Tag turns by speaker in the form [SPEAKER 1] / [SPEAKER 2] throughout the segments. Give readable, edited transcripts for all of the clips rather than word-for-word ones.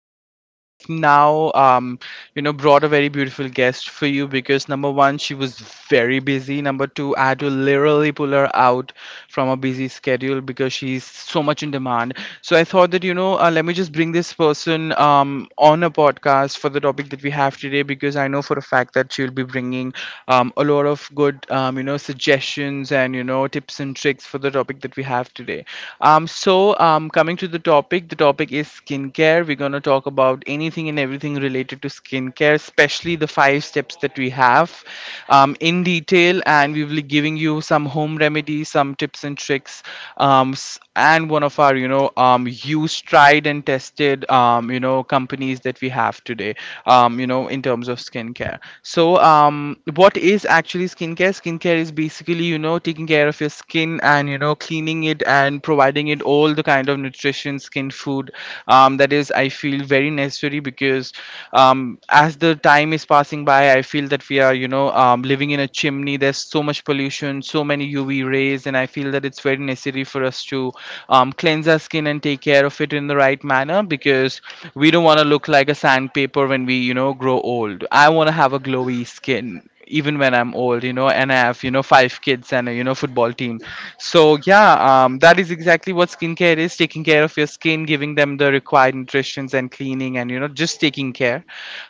[SPEAKER 1] I have now, brought a very beautiful guest for you because number one, she was very busy. Number two, I had to literally pull her out from a busy schedule because she's so much in demand. So I thought that you know, let me just bring this person on a podcast for the topic that we have today because I know for a fact that she'll be bringing a lot of good, you know, suggestions and you know tips and tricks for the topic that we have today. Coming to the topic is skincare. We're gonna talk about anything and everything related to skincare, especially the five steps that we have in detail, and we will be giving you some home remedies, some tips and tricks, and one of our you know used, tried and tested you know companies that we have today, you know in terms of skincare. So what is actually skincare? Skincare is basically you know taking care of your skin and you know cleaning it and providing it all the kind of nutrition skin food that is I feel very necessary because as the time is passing by I feel that we are you know living in a chimney. There's so much pollution, so many UV rays, and I feel that it's very necessary for us to cleanse our skin and take care of it in the right manner because we don't want to look like a sandpaper when we you know grow old. I want to have a glowy skin even when I'm old, you know, and I have you know five kids and a you know football team. So yeah, that is exactly what skincare is: taking care of your skin, giving them the required nutrition and cleaning, and you know, just taking care.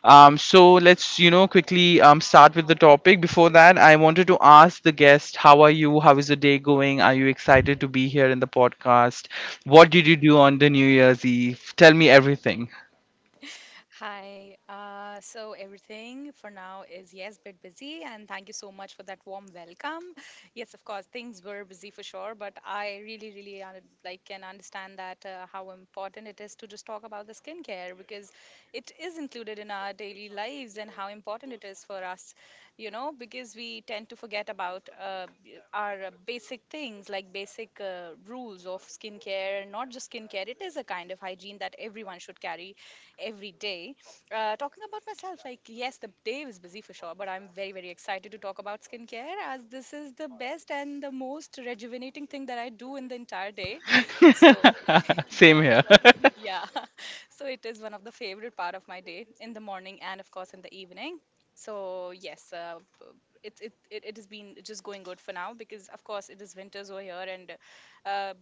[SPEAKER 1] So let's you know quickly start with the topic. Before that, I wanted to ask the guest, how are you? How is the day going? Are you excited to be here in the podcast? What did you do on the New Year's Eve? Tell me everything.
[SPEAKER 2] Hi. So everything for now is yes, bit busy, and thank you so much for that warm welcome. Yes, of course, things were busy for sure, but I really, really like can understand that how important it is to just talk about the skincare because it is included in our daily lives and how important it is for us, you know, because we tend to forget about our basic things like basic rules of skincare, and not just skincare. It is a kind of hygiene that everyone should carry every day. Talking about myself, like, yes, the day was busy for sure, but I'm very, very excited to talk about skincare as this is the best and the most rejuvenating thing that I do in the entire day. So,
[SPEAKER 1] Same
[SPEAKER 2] yes,
[SPEAKER 1] here.
[SPEAKER 2] yeah. So, it is one of the favorite part of my day in the morning and, of course, in the evening. So, yes, it has been just going good for now because, of course, it is winters over here and uh,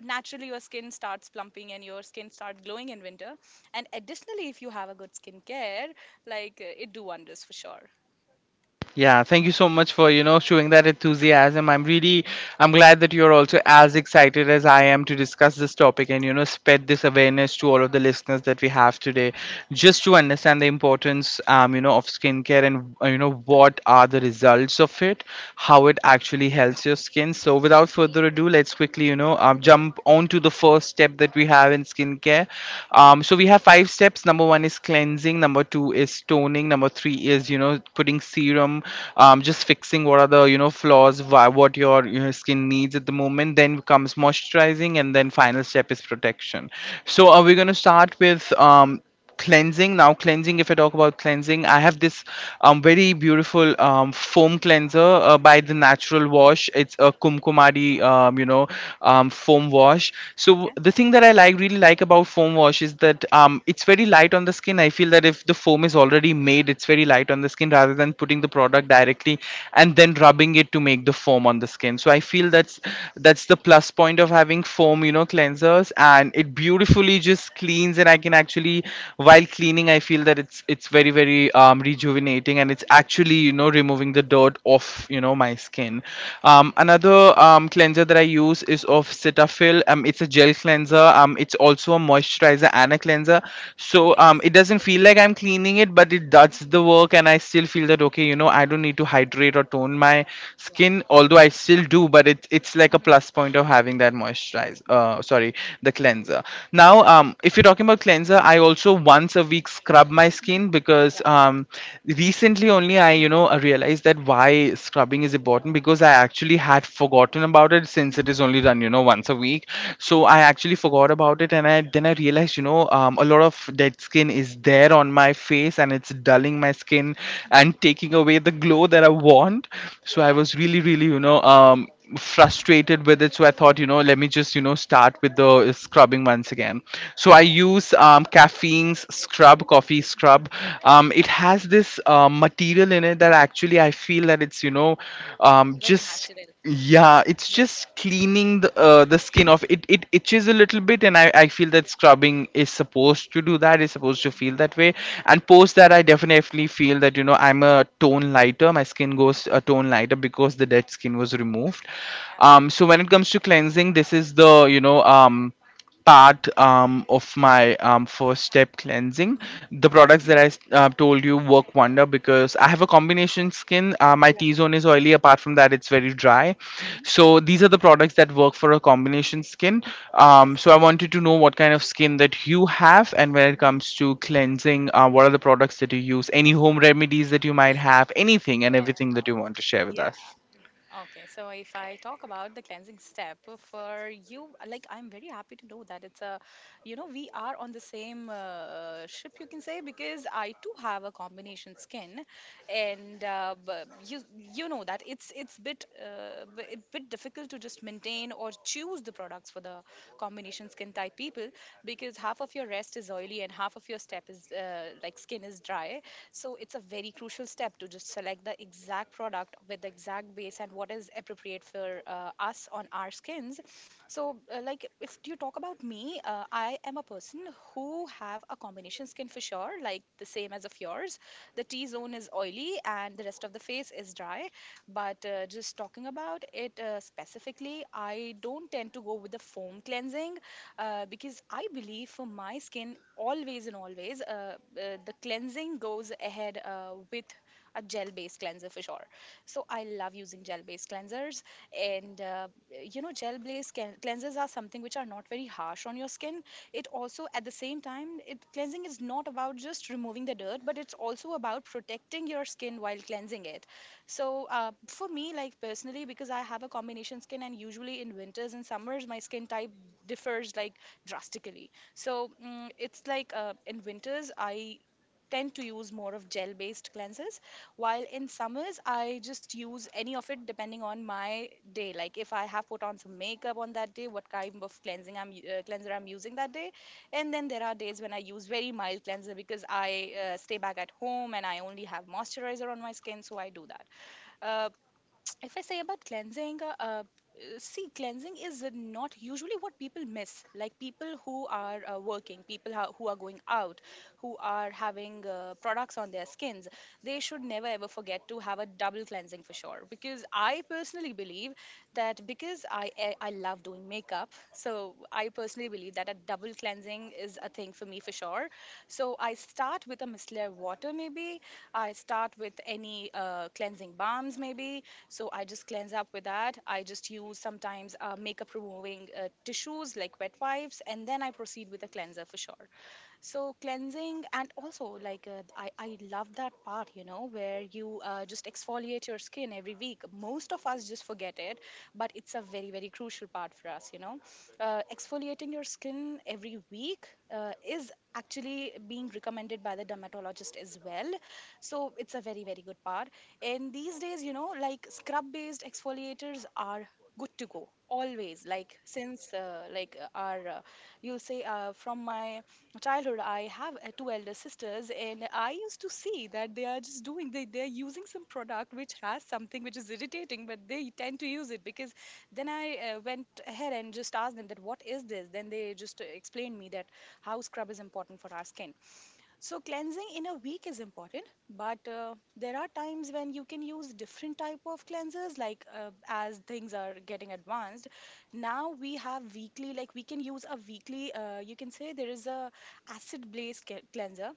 [SPEAKER 2] naturally your skin starts plumping and your skin starts glowing in winter and additionally, if you have a good skincare, like it do wonders for sure.
[SPEAKER 1] Yeah, thank you so much for, you know, showing that enthusiasm. I'm really I'm glad that you're also as excited as I am to discuss this topic and, you know, spread this awareness to all of the listeners that we have today just to understand the importance you know, of skincare and you know, what are the results of it, how it actually helps your skin. So without further ado, let's quickly, you know,
[SPEAKER 2] Mhm,
[SPEAKER 1] jump on to the first step that we have in skincare.
[SPEAKER 2] mhm,
[SPEAKER 1] So we have five steps. Number one is cleansing. Number two is toning. Number three is, you know, putting serum,
[SPEAKER 2] mhm,
[SPEAKER 1] just fixing what are the, you know, flaws, why, what your you know, skin needs at the moment. Then comes moisturizing, and then final step is protection.
[SPEAKER 2] yeah,
[SPEAKER 1] So are we going to start with cleansing now? Cleansing, if I talk about cleansing, I have this very beautiful foam cleanser by the
[SPEAKER 2] mhm,
[SPEAKER 1] natural wash. It's a kumkumadi foam wash. So
[SPEAKER 2] okay,
[SPEAKER 1] the thing that i really like about foam wash is that it's very light on the skin. I feel that if the foam is already made, it's very light on the skin rather than putting the product
[SPEAKER 2] mhm.
[SPEAKER 1] directly and then rubbing it to make the foam on the skin. So I feel that's the plus point of having foam you know cleansers, and it beautifully just cleans. And I can actually, while cleaning, I feel that it's very very, rejuvenating, and it's actually you know removing the dirt off you know my skin. Another cleanser that I use is of Cetaphil. It's a gel cleanser.
[SPEAKER 2] Yeah.
[SPEAKER 1] It's also a moisturizer and a cleanser. So it
[SPEAKER 2] Yes.
[SPEAKER 1] doesn't feel like I'm cleaning it, but it does
[SPEAKER 2] Mhm,
[SPEAKER 1] the work, and I still feel that okay, you know, I don't need to hydrate or tone my
[SPEAKER 2] yeah,
[SPEAKER 1] skin, although I still do. But it's like a
[SPEAKER 2] mhm,
[SPEAKER 1] plus point of having that moisturizer. Sorry, the cleanser. Now,
[SPEAKER 2] yeah,
[SPEAKER 1] um, um, if you're talking about cleanser, I also once a week scrub my
[SPEAKER 2] mhm,
[SPEAKER 1] skin because
[SPEAKER 2] yep,
[SPEAKER 1] recently only I, you
[SPEAKER 2] mhm,
[SPEAKER 1] know, I realized that why scrubbing is important because I actually had forgotten about it since it
[SPEAKER 2] mhm,
[SPEAKER 1] is only done, you know, once a week. So I actually forgot about it, and I then I realized, you know, a lot of dead skin is there on my face, and it's dulling my skin
[SPEAKER 2] mhm,
[SPEAKER 1] and taking away the glow that I want. So I
[SPEAKER 2] yeah,
[SPEAKER 1] was really, really, you know, frustrated with it. So I thought, you know, let me just you know start with the scrubbing once again. So I
[SPEAKER 2] yeah,
[SPEAKER 1] use caffeine's scrub, coffee
[SPEAKER 2] mhm.
[SPEAKER 1] scrub. It has this material in it that actually I feel that it's you know
[SPEAKER 2] Very natural.
[SPEAKER 1] just yeah,
[SPEAKER 2] Yeah.
[SPEAKER 1] it's just cleaning the the skin off. It itches a little bit, and I feel
[SPEAKER 2] Yeah.
[SPEAKER 1] that scrubbing is supposed to do that, is supposed to
[SPEAKER 2] Mhm,
[SPEAKER 1] feel that way. And post that I definitely feel that you know I'm a tone lighter. My skin
[SPEAKER 2] mhm,
[SPEAKER 1] goes a tone lighter because the dead skin was removed.
[SPEAKER 2] yeah,
[SPEAKER 1] So when it comes to cleansing, this is the you know part of my first step, cleansing.
[SPEAKER 2] mhm,
[SPEAKER 1] The products that I told you work wonder because I have a combination skin. My
[SPEAKER 2] yeah,
[SPEAKER 1] T zone is oily. Apart from that, it's
[SPEAKER 2] mhm,
[SPEAKER 1] very dry.
[SPEAKER 2] mhm,
[SPEAKER 1] So these are the products that work for a combination skin. So
[SPEAKER 2] yes,
[SPEAKER 1] I wanted to know what kind of skin that you have, and when it
[SPEAKER 2] mhm,
[SPEAKER 1] comes to cleansing, what are the products that you use? Any home remedies that you might have? Anything and everything that you want to share with
[SPEAKER 2] yeah.
[SPEAKER 1] us.
[SPEAKER 2] Okay, so if I talk about the cleansing step for you, like I'm very happy to know that it's a, you know, we are on the same ship, you can say, because I too have a combination skin, and but you know that it bit difficult to just maintain or choose the products for the combination skin type people because half of your rest is oily and half of your step is like skin is dry, so it's a very crucial step to just select the exact product with the exact base and what is appropriate for us on our skins. So like if you talk about me, I am a person who have a combination skin for sure, like the same as of yours. The T zone is oily and the rest of the face is dry. But just talking about it specifically, I don't tend to go with the foam cleansing because I believe for my skin, always and always, the cleansing goes ahead with a gel based cleanser for sure. So I love using gel based cleansers, and you know, gel based cleansers are something which are not very harsh on your skin. It also, at the same time, it cleansing is not about just removing the dirt, but it's also about protecting your skin while cleansing it. So for me, like personally, because I have a combination skin, and usually in winters and summers, my skin type differs like drastically. So it's like in winters, I tend to use more of gel based cleansers while in summers I just use any of it depending on my day, like if I have put on some makeup on that day, what kind of cleansing cleanser I'm using that day. And then there are days when I use very mild cleanser because I stay back at home and I only have moisturizer on my skin, so I do that. uh, if I say about cleansing, see, cleansing is not usually what people miss. Like people who are working, people who are going out, who are having products on their skins, they should never ever forget to have a double cleansing for sure. Because I personally believe that because I love doing makeup, so I personally believe that a double cleansing is a thing for me for sure. So I start with a micellar water maybe. I start with any cleansing balms, maybe, so I just cleanse up with that. I just use sometimes makeup removing tissues like wet wipes, and then I proceed with a cleanser for sure. So cleansing and also like I love that part, you know, where you just exfoliate your skin every week. Most of us just forget it, but it's a very very crucial part for us. You know, exfoliating your skin every week is actually being recommended by the dermatologist as well. So it's a very very good part. And these days, you know, like scrub based exfoliators are good to go always, like since like our you'll say from my childhood I have two elder sisters and I used to see that they are just doing they, they're using some product which has something which is irritating, but they tend to use it. Because then I went ahead and just asked them that what is this, then they just explained me that how scrub is important for our skin. So cleansing in a week is important, but there are times when you can use different type of cleansers. Like as things are getting advanced, now we have weekly. Like we can use a weekly. You can say there is a acid base cleanser,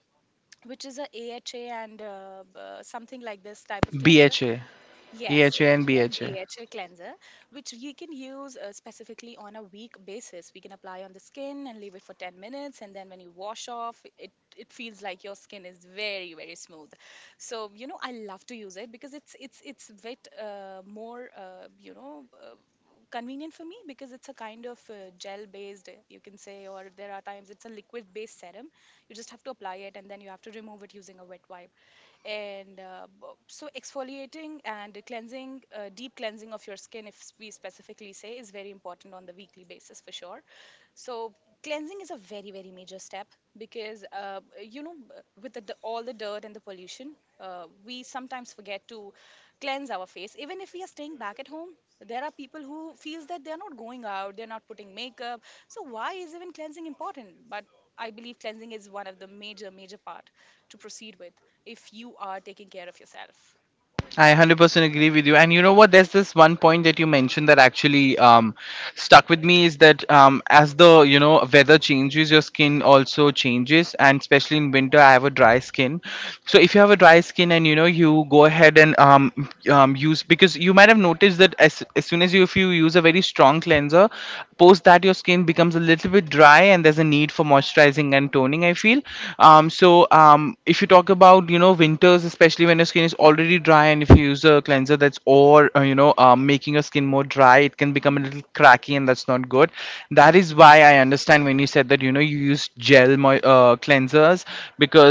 [SPEAKER 2] which is a AHA and something like this type of cleanser.
[SPEAKER 1] BHA,
[SPEAKER 2] Yes, it
[SPEAKER 1] EHA, and
[SPEAKER 2] can
[SPEAKER 1] BHA.
[SPEAKER 2] be a chill cleanser, which you can use specifically on a weak basis. We can apply on the skin and leave it for 10 minutes, and then when you wash off, it feels like your skin is very very smooth. So you know, I love to use it because it's a bit more, convenient for me because it's a kind of gel based, you can say, or there are times it's a liquid based serum. You just have to apply it and then you have to remove it using a wet wipe. And so exfoliating and cleansing deep cleansing of your skin, if we specifically say, is very important on the weekly basis for sure. So cleansing is a very very major step because you know, with all the dirt and the pollution, we sometimes forget to cleanse our face even if we are staying back at home. There are people who feels that they are not going out, they're not putting makeup, so why is even cleansing important? But I believe cleansing is one of the major, major part to proceed with, if you are taking care of yourself.
[SPEAKER 1] I 100% agree with you. And you know what? There's this one point that you mentioned that actually stuck with me is that as the you know weather changes, your skin also changes, and especially in winter, I have a dry skin. So if you have a dry skin and you know you go ahead and use, because you might have noticed that as soon as you if you use a very strong cleanser, post that your skin becomes a little bit dry, and there's a need for moisturizing and toning, I feel. So if you talk about you know winters especially when your skin is already dry, and if you use a cleanser that's or you know making your skin more dry, it can
[SPEAKER 2] Mhm.
[SPEAKER 1] become a
[SPEAKER 2] Mhm.
[SPEAKER 1] little cracky and that's not good.
[SPEAKER 2] Yeah.
[SPEAKER 1] That is why I understand when you said that you know you use gel cleansers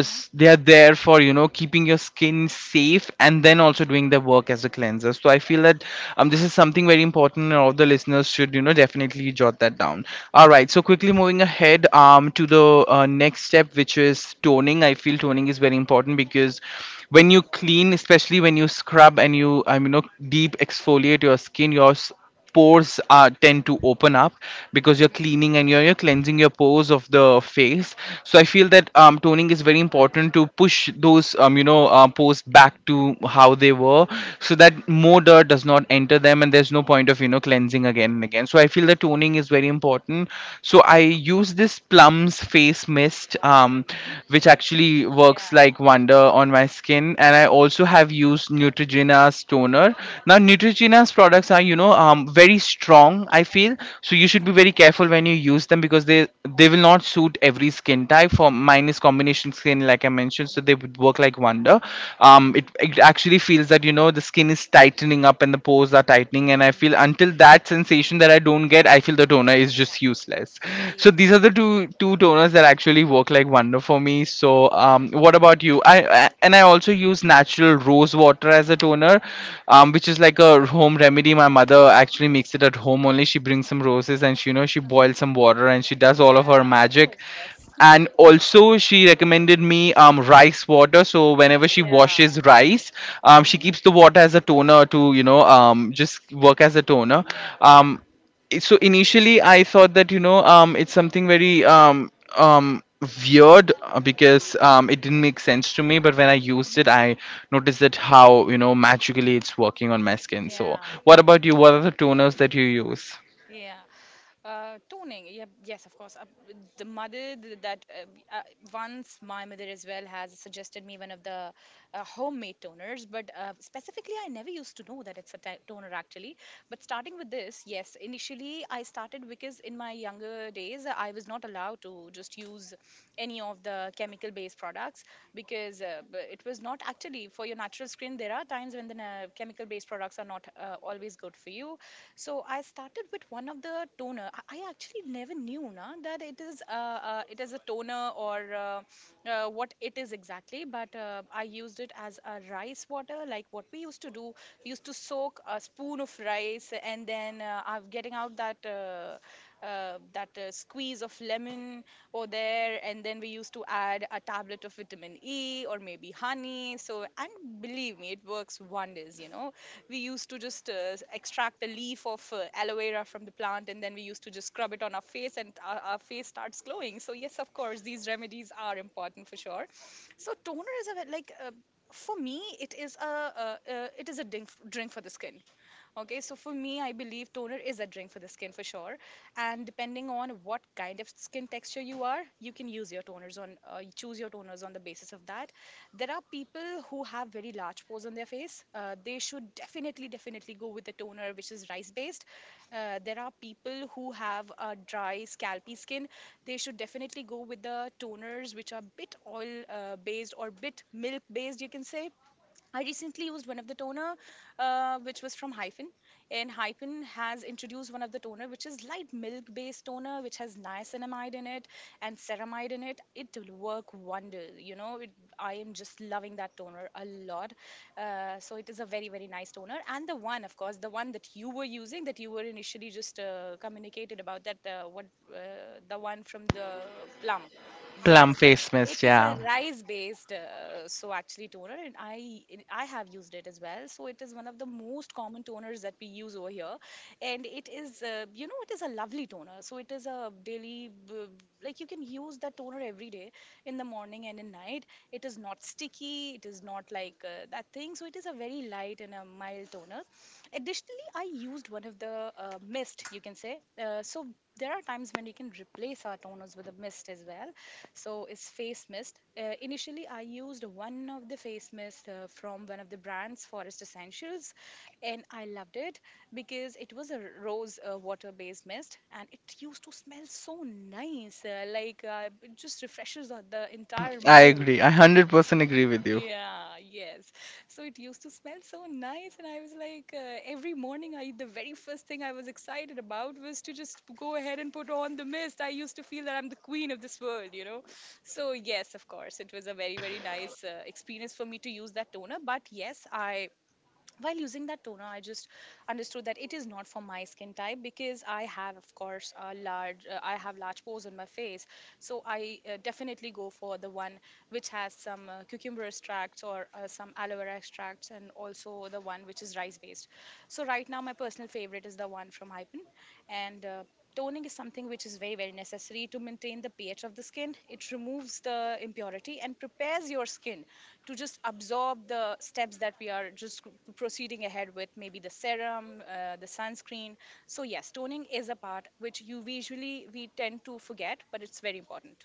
[SPEAKER 2] Mhm.
[SPEAKER 1] they are there for you know keeping your skin safe and then
[SPEAKER 2] Mhm.
[SPEAKER 1] also doing their work as a cleanser. So I
[SPEAKER 2] Yeah.
[SPEAKER 1] feel that this is something very important and all the listeners should you know definitely jot that down. All right, so quickly moving ahead to the next step which is toner, toning. I feel toning is very important because when you clean, especially when you scrub and you I mean you know, deep exfoliate your skin, your pores are tend to open up because you're cleaning and you're cleansing your pores of the face. So I feel that toning is very important to push those pores back to how they were so that more dirt does not enter them, and there's no
[SPEAKER 2] Mhm.
[SPEAKER 1] point of you know cleansing again and again. So I feel that toning is very important. So I use this plums face mist,
[SPEAKER 2] Mhm.
[SPEAKER 1] which actually
[SPEAKER 2] Yeah.
[SPEAKER 1] works like wonder on my skin. And I also have used neutrogena's toner. Now
[SPEAKER 2] Yes.
[SPEAKER 1] neutrogena's products are you know very strong I feel, so you should be
[SPEAKER 2] Mhm.
[SPEAKER 1] very careful when you use them because they will not suit every skin type. For mine is combination skin like I mentioned, so they would work like wonder. It,
[SPEAKER 2] Mhm.
[SPEAKER 1] it actually feels that you know the skin is tightening up and the pores are tightening, and I
[SPEAKER 2] Mhm.
[SPEAKER 1] feel until that sensation that I don't get I feel the toner is just useless. So these
[SPEAKER 2] Yes.
[SPEAKER 1] are the two toners that actually work like wonder for me. So
[SPEAKER 2] Mhm.
[SPEAKER 1] what about you? I and I also use natural rose water as a toner,
[SPEAKER 2] Yes. Yes.
[SPEAKER 1] which is like a home remedy. My mother actually makes it at home only. She brings some roses and she you know she
[SPEAKER 2] Mhm.
[SPEAKER 1] boils some water and she does all of
[SPEAKER 2] Yeah.
[SPEAKER 1] her magic.
[SPEAKER 2] Oh, yes.
[SPEAKER 1] And also she recommended me rice water, so whenever she
[SPEAKER 2] Yeah.
[SPEAKER 1] washes rice, she
[SPEAKER 2] Mhm.
[SPEAKER 1] keeps the water as a toner to just work as a toner.
[SPEAKER 2] Yeah. Yeah.
[SPEAKER 1] Um, so initially I thought that it's something very um weird, because it didn't make sense to me, but when I used it
[SPEAKER 2] Mhm.
[SPEAKER 1] I noticed that how, you know, magically it's working on my skin. So
[SPEAKER 2] Yeah.
[SPEAKER 1] what about you? What are the toners that you use?
[SPEAKER 2] Yeah. Toning, yeah, yes, of course. The mother that once my mother as well has suggested me one of the homemade toners, but specifically, I never used to know that it's a toner actually. But starting with this, yes, initially I started because in my younger days I was not allowed to just use any of the chemical based products because it was not actually for your natural skin. There are times when the chemical based products are not always good for you, so I started with one of the toner. I actually never knew na, that it is a toner or what it is exactly. But I used it as a rice water, like what we used to do. We used to soak a spoon of rice and then I'm getting out that. That squeeze of lemon over there, and then we used to add a tablet of vitamin E or maybe honey. So, and believe me, it works wonders. You know, we used to just extract the leaf of aloe vera from the plant and then we used to just scrub it on our face and our face starts glowing. So yes, of course, these remedies are important for sure. So toner is a ve- like for me it is a drink for the skin. Okay, so for me, I believe toner is a drink for the skin for sure. And depending on what kind of skin texture you are, you can use your toners on you choose your toners on the basis of that. There are people who have very large pores on their face. They should definitely, definitely go with the toner which is rice based. There are people who have a dry, scalpy skin. They should definitely go with the toners which are bit oil based or bit milk based, you can say. I recently used one of the toner, which was from Hyphen, and Hyphen has introduced one of the toner, which is light milk-based toner, which has niacinamide in it and ceramide in it. It will work wonders. I am just loving that toner a lot. So it is a very very nice toner, and the one, of course, the one that you were using, that you were initially just communicated about, that what uh, the one from the Plum.
[SPEAKER 1] Plum
[SPEAKER 2] Yes,
[SPEAKER 1] face
[SPEAKER 2] it
[SPEAKER 1] mist,
[SPEAKER 2] is a
[SPEAKER 1] yeah.
[SPEAKER 2] rice-based, so actually toner, and I have used it as well. So it is one of the most common toners that we use over here, and it is, it is a lovely toner. So it is a like you can use that toner every day in the morning and in night. It is not sticky. It is not like that thing. So it is a very light and a mild toner. Additionally, I used one of the mist, you can say. So there are times when we can replace our toners with a mist as well. So it's face mist. Uh, initially I used one of the face mist from one of the brands, Forest Essentials, and I loved it because it was a rose water based mist and it used to smell so nice, it just refreshes the entire
[SPEAKER 1] I
[SPEAKER 2] mood.
[SPEAKER 1] agree, I 100% agree with you.
[SPEAKER 2] Yeah, yes. So it used to smell so nice, and I was like, every morning, I the very first thing I was excited about was to just go ahead and put on the mist. I used to feel that I'm the queen of this world, you know. So yes, of course, it was a very very nice experience for me to use that toner. But yes, I while using that toner I just understood that it is not for my skin type, because I have, of course, a large I have large pores on my face. So I definitely go for the one which has some cucumber extracts or some aloe vera extracts, and also the one which is rice based. So right now my personal favorite is the one from Hypen, and toning is something which is very very necessary to maintain the pH of the skin. It removes the impurity and prepares your skin to just absorb the steps that we are just proceeding ahead with, maybe the serum, the sunscreen. So yes, toning is a part which you usually we tend to forget, but it's very important.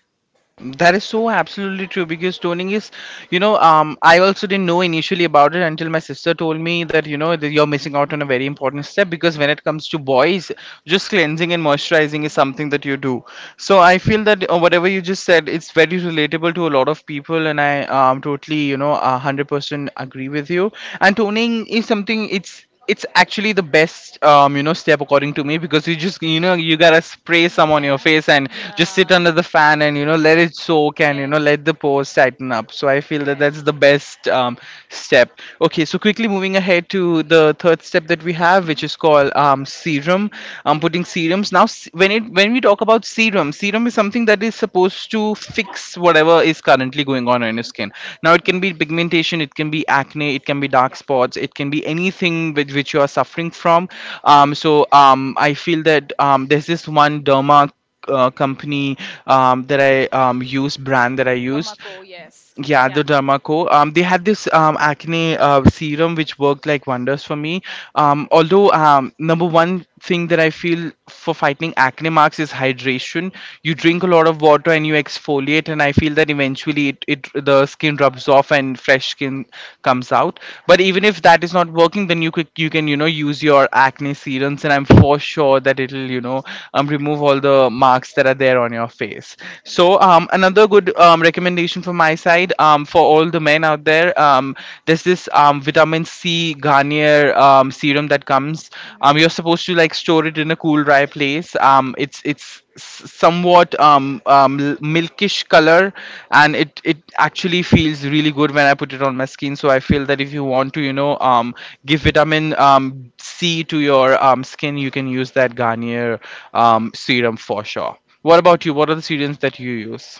[SPEAKER 1] That is so absolutely true because toning is, you know, I also didn't know initially about it until my sister told me that, you know, that you're missing out on a very important step, because when it comes to boys, just cleansing and moisturizing is something that you do. So
[SPEAKER 2] Hmm.
[SPEAKER 1] I feel that whatever you just said, it's very relatable to a lot of people, and I totally, you know, 100% agree with you. And toning is something, it's actually the best you know step, according to me, because you just, you know, you gotta spray some on your
[SPEAKER 2] Yeah,
[SPEAKER 1] face and just
[SPEAKER 2] yeah.
[SPEAKER 1] sit under the fan and, you know, let it soak and, you know,
[SPEAKER 2] Yes,
[SPEAKER 1] let the pores tighten up. So I feel that that's
[SPEAKER 2] yes.
[SPEAKER 1] the best step. Okay, so quickly moving ahead to the third step that we have,
[SPEAKER 2] Mhm,
[SPEAKER 1] which is called serum. Putting serums. Now s- when it when when we talk about serum, serum is something that is supposed to fix whatever is currently going on in your
[SPEAKER 2] mhm.
[SPEAKER 1] skin. Now, it can be pigmentation, it can be acne, it can be dark
[SPEAKER 2] Yeah.
[SPEAKER 1] spots, it can be anything with which you are suffering from.
[SPEAKER 2] Mm-hmm.
[SPEAKER 1] I feel that there's this one derma company that I use, brand that I used.
[SPEAKER 2] Dermaco, yes.
[SPEAKER 1] Yeah,
[SPEAKER 2] Yeah,
[SPEAKER 1] the Dermaco. They had this acne serum which worked like wonders for me.
[SPEAKER 2] yeah.
[SPEAKER 1] Although number one thing that I feel for fighting acne marks is hydration. You drink a
[SPEAKER 2] Hmm.
[SPEAKER 1] lot of water and you exfoliate, and
[SPEAKER 2] Yes.
[SPEAKER 1] I feel that eventually it, it the skin rubs off and fresh skin comes out. But even
[SPEAKER 2] Hmm.
[SPEAKER 1] if that is not working, then you can you know use your acne serums, and I'm
[SPEAKER 2] Yeah,
[SPEAKER 1] for sure that it'll, you know, remove all the marks that are there on your face.
[SPEAKER 2] yeah.
[SPEAKER 1] So another good recommendation from my side for all the men out there. There's this vitamin C Garnier serum that comes.
[SPEAKER 2] Mhm,
[SPEAKER 1] You're supposed to like store it in a cool, dry place. It's somewhat milkish color, and it
[SPEAKER 2] mhm,
[SPEAKER 1] actually feels really good when I put it on my skin. So I feel that if you want to, you know, give vitamin C to your skin, you can use that
[SPEAKER 2] mhm,
[SPEAKER 1] Garnier serum for sure. What
[SPEAKER 2] mhm.
[SPEAKER 1] about you? What are the serums that you use?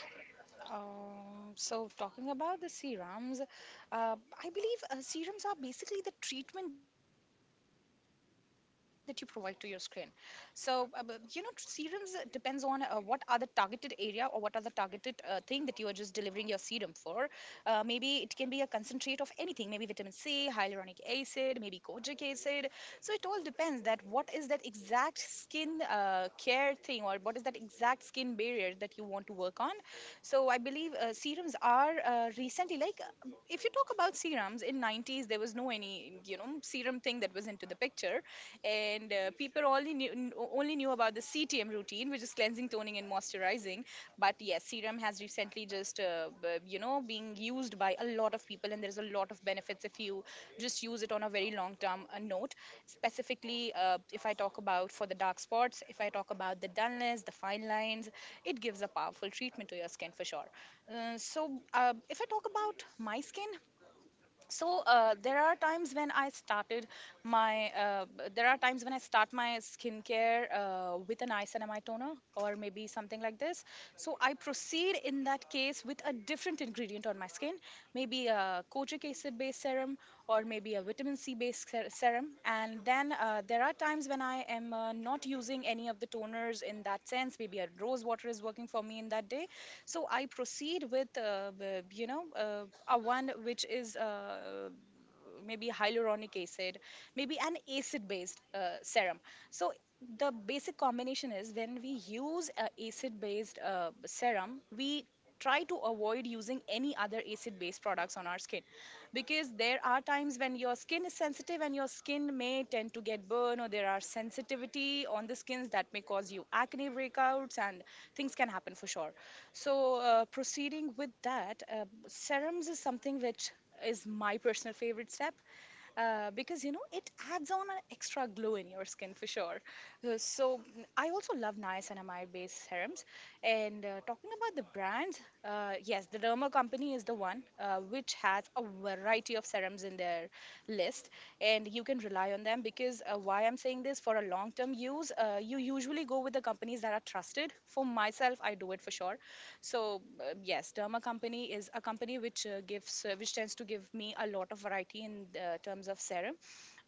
[SPEAKER 2] So, talking about the serums, I believe serums are basically the treatment that you provide to your skin. So, you know, serums depends on what are the targeted area, or what are the targeted thing that you are just delivering your serum for. Maybe it can be a concentrate of anything, maybe vitamin C, hyaluronic acid, maybe kojic acid. So, it all depends that what is that exact skin care thing, or what is that exact skin barrier that you want to work on. So I believe serums are recently, like, if you talk about serums in 90's, there was no any, you know, serum thing that was into the picture, and people only only knew about the CTM routine, which is cleansing, toning and moisturizing. But yes, serum has recently just you know, being used by a lot of people, and there's a lot of benefits if you just use it on a very long term note. Specifically, if I talk about for the dark spots, if I talk about the dullness, the fine lines, it gives a powerful treatment to your skin for sure. So, if I talk about my skin, so there are times when I started my b- there are times when I start my skincare with an isonamide toner, or maybe something like this. So I proceed in that case with a different ingredient on my skin, maybe a kojic acid based serum, or maybe a vitamin C based serum. And then there are times when I am not using any of the toners, in that sense, maybe a rose water is working for me in that day. So I proceed with a one which is, maybe hyaluronic acid, maybe an acid based serum. So the basic combination is, when we use a acid based serum, we try to avoid using any other acid based products on our skin, because there are times when your skin is sensitive and your skin may tend to get burn, or there are sensitivity on the skins that may cause you acne breakouts, and things can happen for sure. So proceeding with that, serums is something which is my personal favorite step, because you know, it adds on an extra glow in your skin for sure. So mm, I also love niacinamide based serums. And talking about the brands, yes, the Derma Company is the one which has a variety of serums in their list, and you can rely on them, because why I'm saying this, for a long term use, you usually go with the companies that are trusted. For myself, I do it for sure. So yes, Derma Company is a company which gives which tends to give me a lot of variety in terms of serum.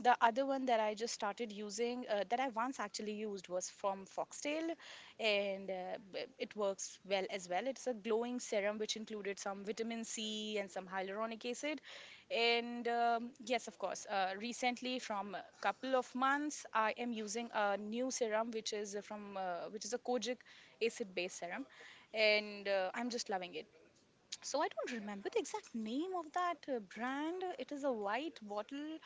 [SPEAKER 2] The other one that I just started using that I once actually used was from Foxtail, and it works well as well. It's a glowing serum which included some vitamin C and some hyaluronic acid. And yes, of course, recently from a couple of months, I am using a new serum which is from which is a kojic acid based serum, and I'm just loving it. So I don't remember the exact name of that brand. It is a white bottle,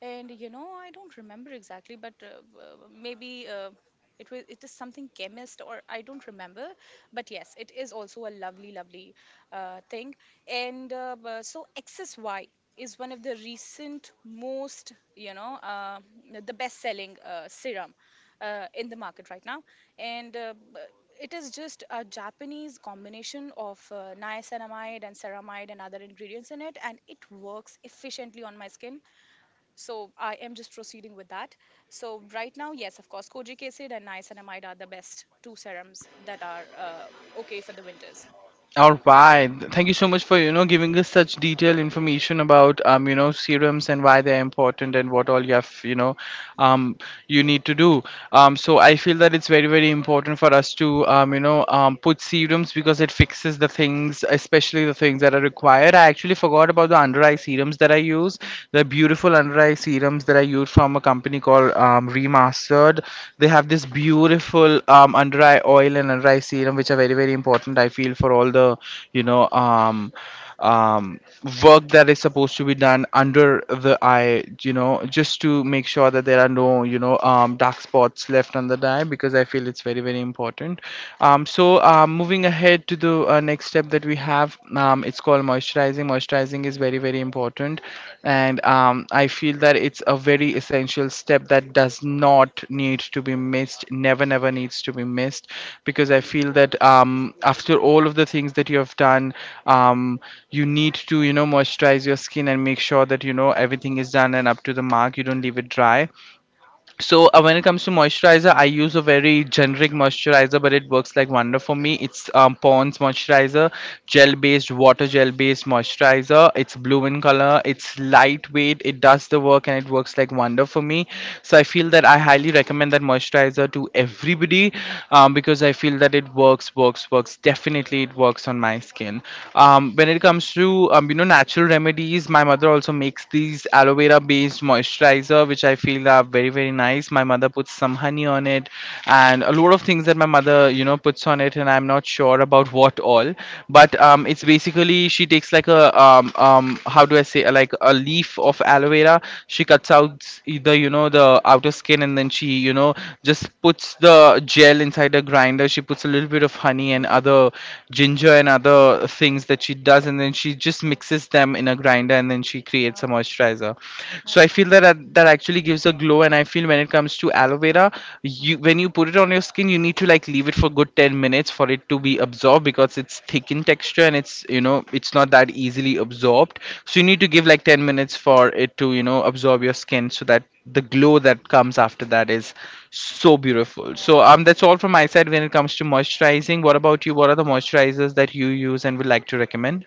[SPEAKER 2] and you know I don't remember exactly, but maybe. It, was, it is something Chemist, or I don't remember. But yes, it is also a lovely lovely thing. And so Xsy is one of the recent most, you know, the best selling serum in the market right now. And it is just a Japanese combination of niacinamide and ceramide and other ingredients in it, and it works efficiently on my skin. So I am just proceeding with that. So right now, yes, of course, kojic acid and niacinamide are the best two serums that are, okay for the winters.
[SPEAKER 1] All right, thank you so much for, you know, giving us such detailed information about, you know, serums and why they're important and what all you have, you know, um, you need to do. So I feel that it's very very important for us to you know put serums because it fixes the things, especially the things that are required. I actually forgot about the under eye serums that I use. The beautiful under eye serums that I use from a company called Remastered. They have this beautiful under eye oil and under eye serum, which are very very important. I feel for all the you know um, um, work that is supposed to be done under the eye, you know, just to make sure that there are no, you know, dark spots left on the dye, because I feel it's very, very important. So moving ahead to the next step that we have, it's called moisturizing. Moisturizing is very, very important, and I feel that it's a very essential step that does not need to be missed, never needs to be missed, because I feel that after all of the things that you have done um, you need to, you know, moisturize your skin and make sure that, you know, everything is done and up to the mark, you don't leave it dry. So when it comes to moisturizer, I use a very generic moisturizer but it works like wonder for me. It's Pond's moisturizer, gel based, water gel based moisturizer. It's blue in color, it's lightweight, it does the work, and it works like wonder for me. So I feel that I highly recommend that moisturizer to everybody, because I feel that it works, definitely it works on my skin. When it comes to you know natural remedies, my mother also makes these aloe vera based used moisturizer, which I feel are very, very nice. My mother puts some honey on it and a lot of things that my mother, you know, puts on it. And I'm not sure about what all, but it's basically she takes like a, how do I say, like a leaf of aloe vera. She cuts out either, you know, the outer skin, and then she, you know, just puts the gel inside a grinder. She puts a little bit of honey and
[SPEAKER 2] Mhm.
[SPEAKER 1] other ginger and other things that she does, and then she just
[SPEAKER 2] Mhm.
[SPEAKER 1] mixes them in a grinder, and then she creates a
[SPEAKER 2] No.
[SPEAKER 1] moisturizer. So I
[SPEAKER 2] That's fine.
[SPEAKER 1] feel that that actually gives a glow, and I feel when it comes to aloe vera,
[SPEAKER 2] Mm-hmm.
[SPEAKER 1] you when you put it on your skin, you need to like leave it for good 10 minutes for it to be absorbed, because it's thick in texture and it's, you know, it's not that easily absorbed. So you need
[SPEAKER 2] Mm-hmm.
[SPEAKER 1] to give like 10 minutes for it to, you know, absorb your skin so that the glow that comes after that is so beautiful. So
[SPEAKER 2] Yeah.
[SPEAKER 1] that's all from my side when it comes to moisturizing. What about you? What are the moisturizers that you use and would like to recommend?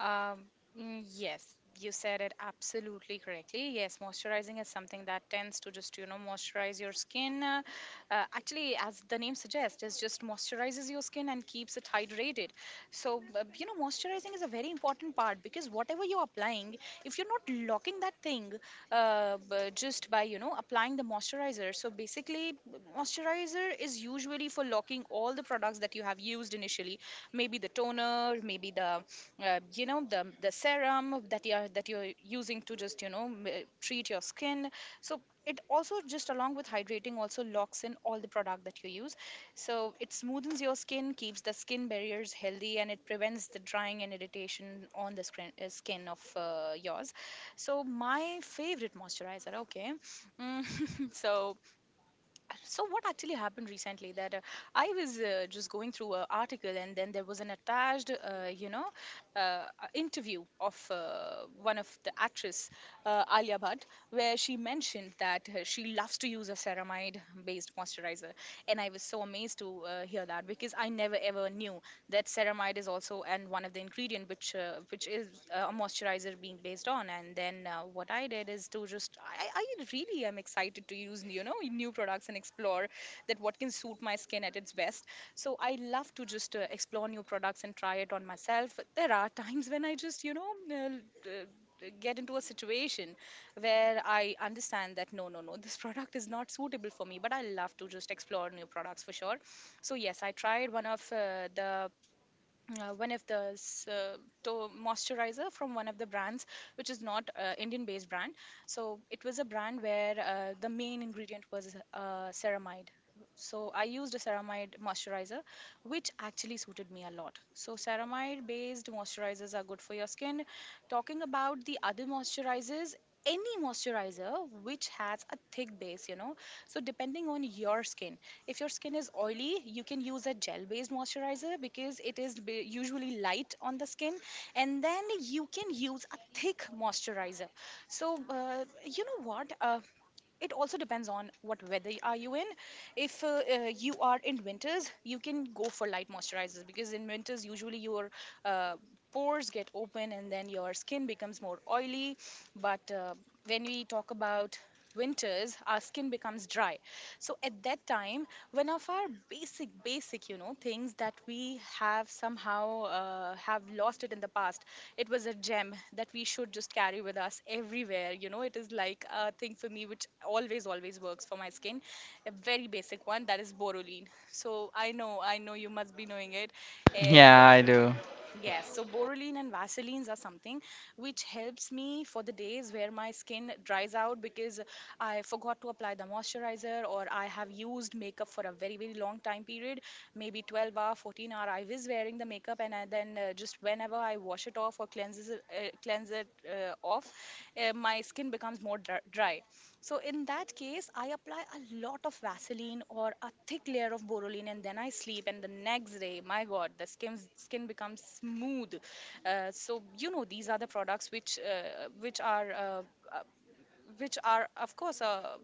[SPEAKER 2] Um, mm, yes, you said it absolutely correctly. Yes, moisturizing is something that tends to just, you know, moisturize your skin. Actually, as the name suggests, it just moisturizes your skin and keeps it hydrated. So, you know, moisturizing is a very important part, because whatever you're applying, if you're not locking that thing, just by, you know, applying the moisturizer. So basically, moisturizer is usually for locking all the products that you have used initially, maybe the toner, maybe the you know, the serum that you are that you're using to just, treat your skin. So it also just, along with hydrating, also locks in all the product that you use. So it smoothens your skin, keeps the skin barriers healthy, and it prevents the drying and irritation on the screen, skin of yours. So my favorite moisturizer, okay. Mm, so so what actually happened recently, that I was just going through an article, and then there was an attached, you know a interview of one of the actress, Alia Bhatt, where she mentioned that she loves to use a ceramide based moisturizer. And I was so amazed to hear that, because I never ever knew that ceramide is also and one of the ingredient which is a moisturizer being based on. And then what I did is to just I really am excited to use, you know, new products, and explore that what can suit my skin at its best. So I love to just explore new products and try it on myself. There are times when I just, get into a situation Where I understand that no, this product is not suitable for me, but I love to just explore new products for sure. So yes, I tried one of the one of the s- to- moisturizer from one of the brands which is not Indian based brand. So it was a brand where the main ingredient was ceramide. So I used a ceramide moisturizer which actually suited me a lot. So ceramide based moisturizers are good for your skin. Talking about the other moisturizers, any moisturizer which has a thick base. So depending on your skin, if your skin is oily, you can use a gel based moisturizer because it is usually light on the skin, and then you can use a thick moisturizer. So, you know what? It also depends on what weather are you in. If you are in winters you can go for light moisturizers, because in winters usually your uh, pores get open and then your skin becomes more oily. But when we talk about winters, our skin becomes dry. So at that time, one of our basic things that we have somehow have lost it in the past, it was a gem that we should just carry with us everywhere. It is like a thing for me which always works for my skin, a very basic one, that is Borolene. So I know you must be knowing it. And
[SPEAKER 1] Yeah, I do.
[SPEAKER 2] yes, so Boroline and Vaselines are something which helps me for the days where my skin dries out, because I forgot to apply the moisturizer or I have used makeup for a very, very long time period, maybe 12 hour, 14 hour. I was wearing the makeup and I then just whenever I wash it off or cleanses it, cleanse it off, my skin becomes more dry. So in that case, I apply a lot of Vaseline or a thick layer of Borolin, and then I sleep. And the next day, my God, the skin becomes smooth. So these are the products which uh, which are of course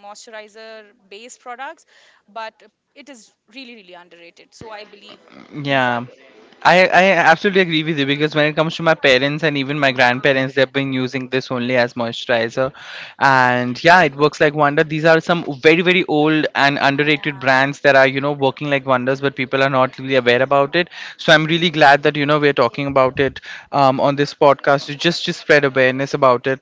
[SPEAKER 2] moisturizer based products, but it is really underrated, so I believe these are
[SPEAKER 1] Yeah,
[SPEAKER 2] good.
[SPEAKER 1] I absolutely agree with you, because when it comes to my parents and even my
[SPEAKER 2] Uh,
[SPEAKER 1] grandparents, they've been using this only as moisturizer, and yeah, it works like wonder. These are some very very old and underrated
[SPEAKER 2] yeah.
[SPEAKER 1] brands that are, you know, working like wonders, but people are not really aware about it. So I'm
[SPEAKER 2] Mhm,
[SPEAKER 1] really glad that, you know, we're talking about it on this podcast, to just to spread awareness about it.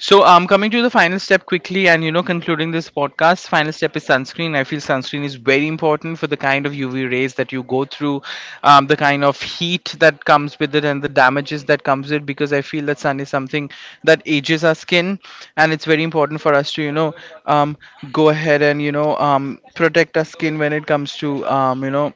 [SPEAKER 1] So coming to the final step quickly and, you know, concluding this podcast, final step is sunscreen. I feel sunscreen is very important for the kind of
[SPEAKER 2] mhm,
[SPEAKER 1] UV rays that you go through, the kind of heat that comes with it and the damages that comes with it, because I feel that sun is something that ages our skin, and it's very important for us to, you know, um, go ahead and, you know, protect our skin when it comes to you know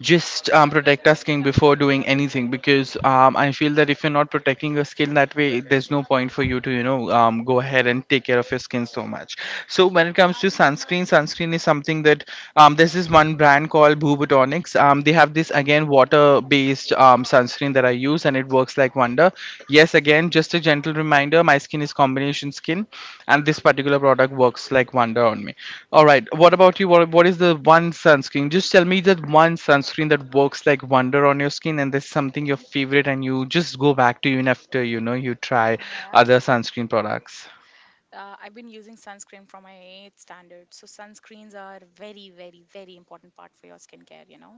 [SPEAKER 1] just protect a skin before doing anything, because I feel that if you're not protecting your skin that way, there's no point for you to, you know, go ahead and take care of your skin so much. So when it comes to sunscreen, sunscreen is something that there's this one brand called Boubotonics. They have this again water-based sunscreen that I use and it works like wonder. Yes, again just a gentle reminder, my skin is combination skin, and this particular product works like wonder on me. All right, what about you? What is the one sunscreen? Just tell me that one sunscreen that works like wonder on your skin, and there's something your
[SPEAKER 2] mhm,
[SPEAKER 1] favorite, and you just go back to even after, you know, you try
[SPEAKER 2] Mm. Yeah,
[SPEAKER 1] other sunscreen products.
[SPEAKER 2] I've been using sunscreen from my eighth standard. So sunscreens are very, very, very important part for your skincare.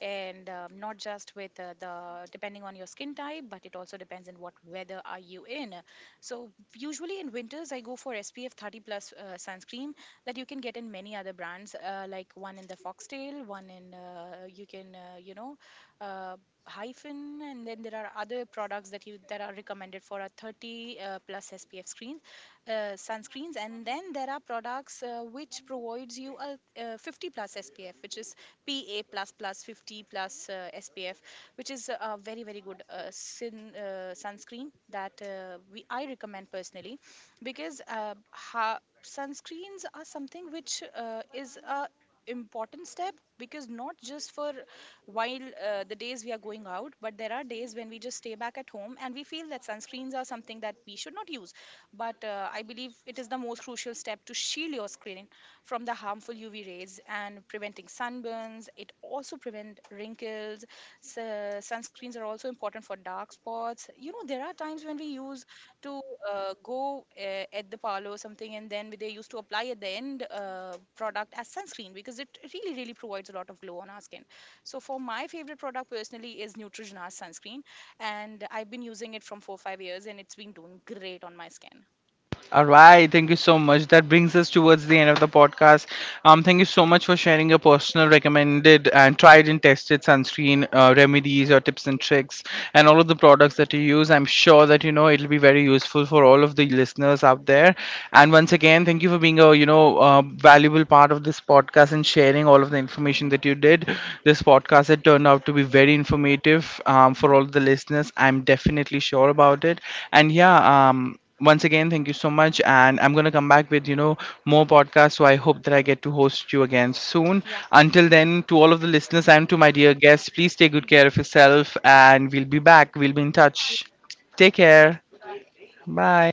[SPEAKER 2] And not just with the depending on your skin type, but it also depends on what weather are you in. So usually in winters I go for SPF 30 plus sunscreen that you can get in many other brands, like one in the Foxtail, one in you can you know uh, hyphen, and then there are other products that you that are recommended for a 30 plus SPF screens, sunscreens. And then there are products which provides you a 50 plus SPF, which is PA plus plus 50 plus SPF, which is a very good sunscreen that we I recommend personally, because sunscreens are something which is a important step, because not just for while the days we are going out, but there are days when we just stay back at home and we feel that sunscreens are something that we should not use. But I believe it is the most crucial step to shield your skin from the harmful UV rays and preventing sunburns. It also prevent wrinkles. So sunscreens are also important for dark spots. You know, there are times when we use to go at the parlor or something, and then they used to apply at the end product as sunscreen because it really, really provides a lot of glow on our skin. So for my favorite product personally is Neutrogena's sunscreen, and I've been using it from 4-5 years, and it's been doing great on my skin.
[SPEAKER 1] All right, thank you so much. That brings us towards the end of the podcast. Thank you so much for sharing your personal, recommended, and tried and tested sunscreen remedies or tips and tricks, and all of the products that you use. I'm sure that, you know, it'll be very useful for all of the listeners out there. And once again, thank you for being a, you know, valuable part of this podcast and sharing all of the
[SPEAKER 2] Hmm.
[SPEAKER 1] information that you did. This podcast had turned out to be very informative for
[SPEAKER 2] Hmm.
[SPEAKER 1] all the listeners. I'm definitely sure about it. And yeah, once again, thank you so much. And I'm going to come back with, you know, more podcasts. So I hope that I get to host you again soon.
[SPEAKER 2] Yeah.
[SPEAKER 1] Until then, to all of the listeners and to my dear guests, please take good care of
[SPEAKER 2] Hmm.
[SPEAKER 1] yourself. And we'll be back. We'll be in touch. Take care. Bye.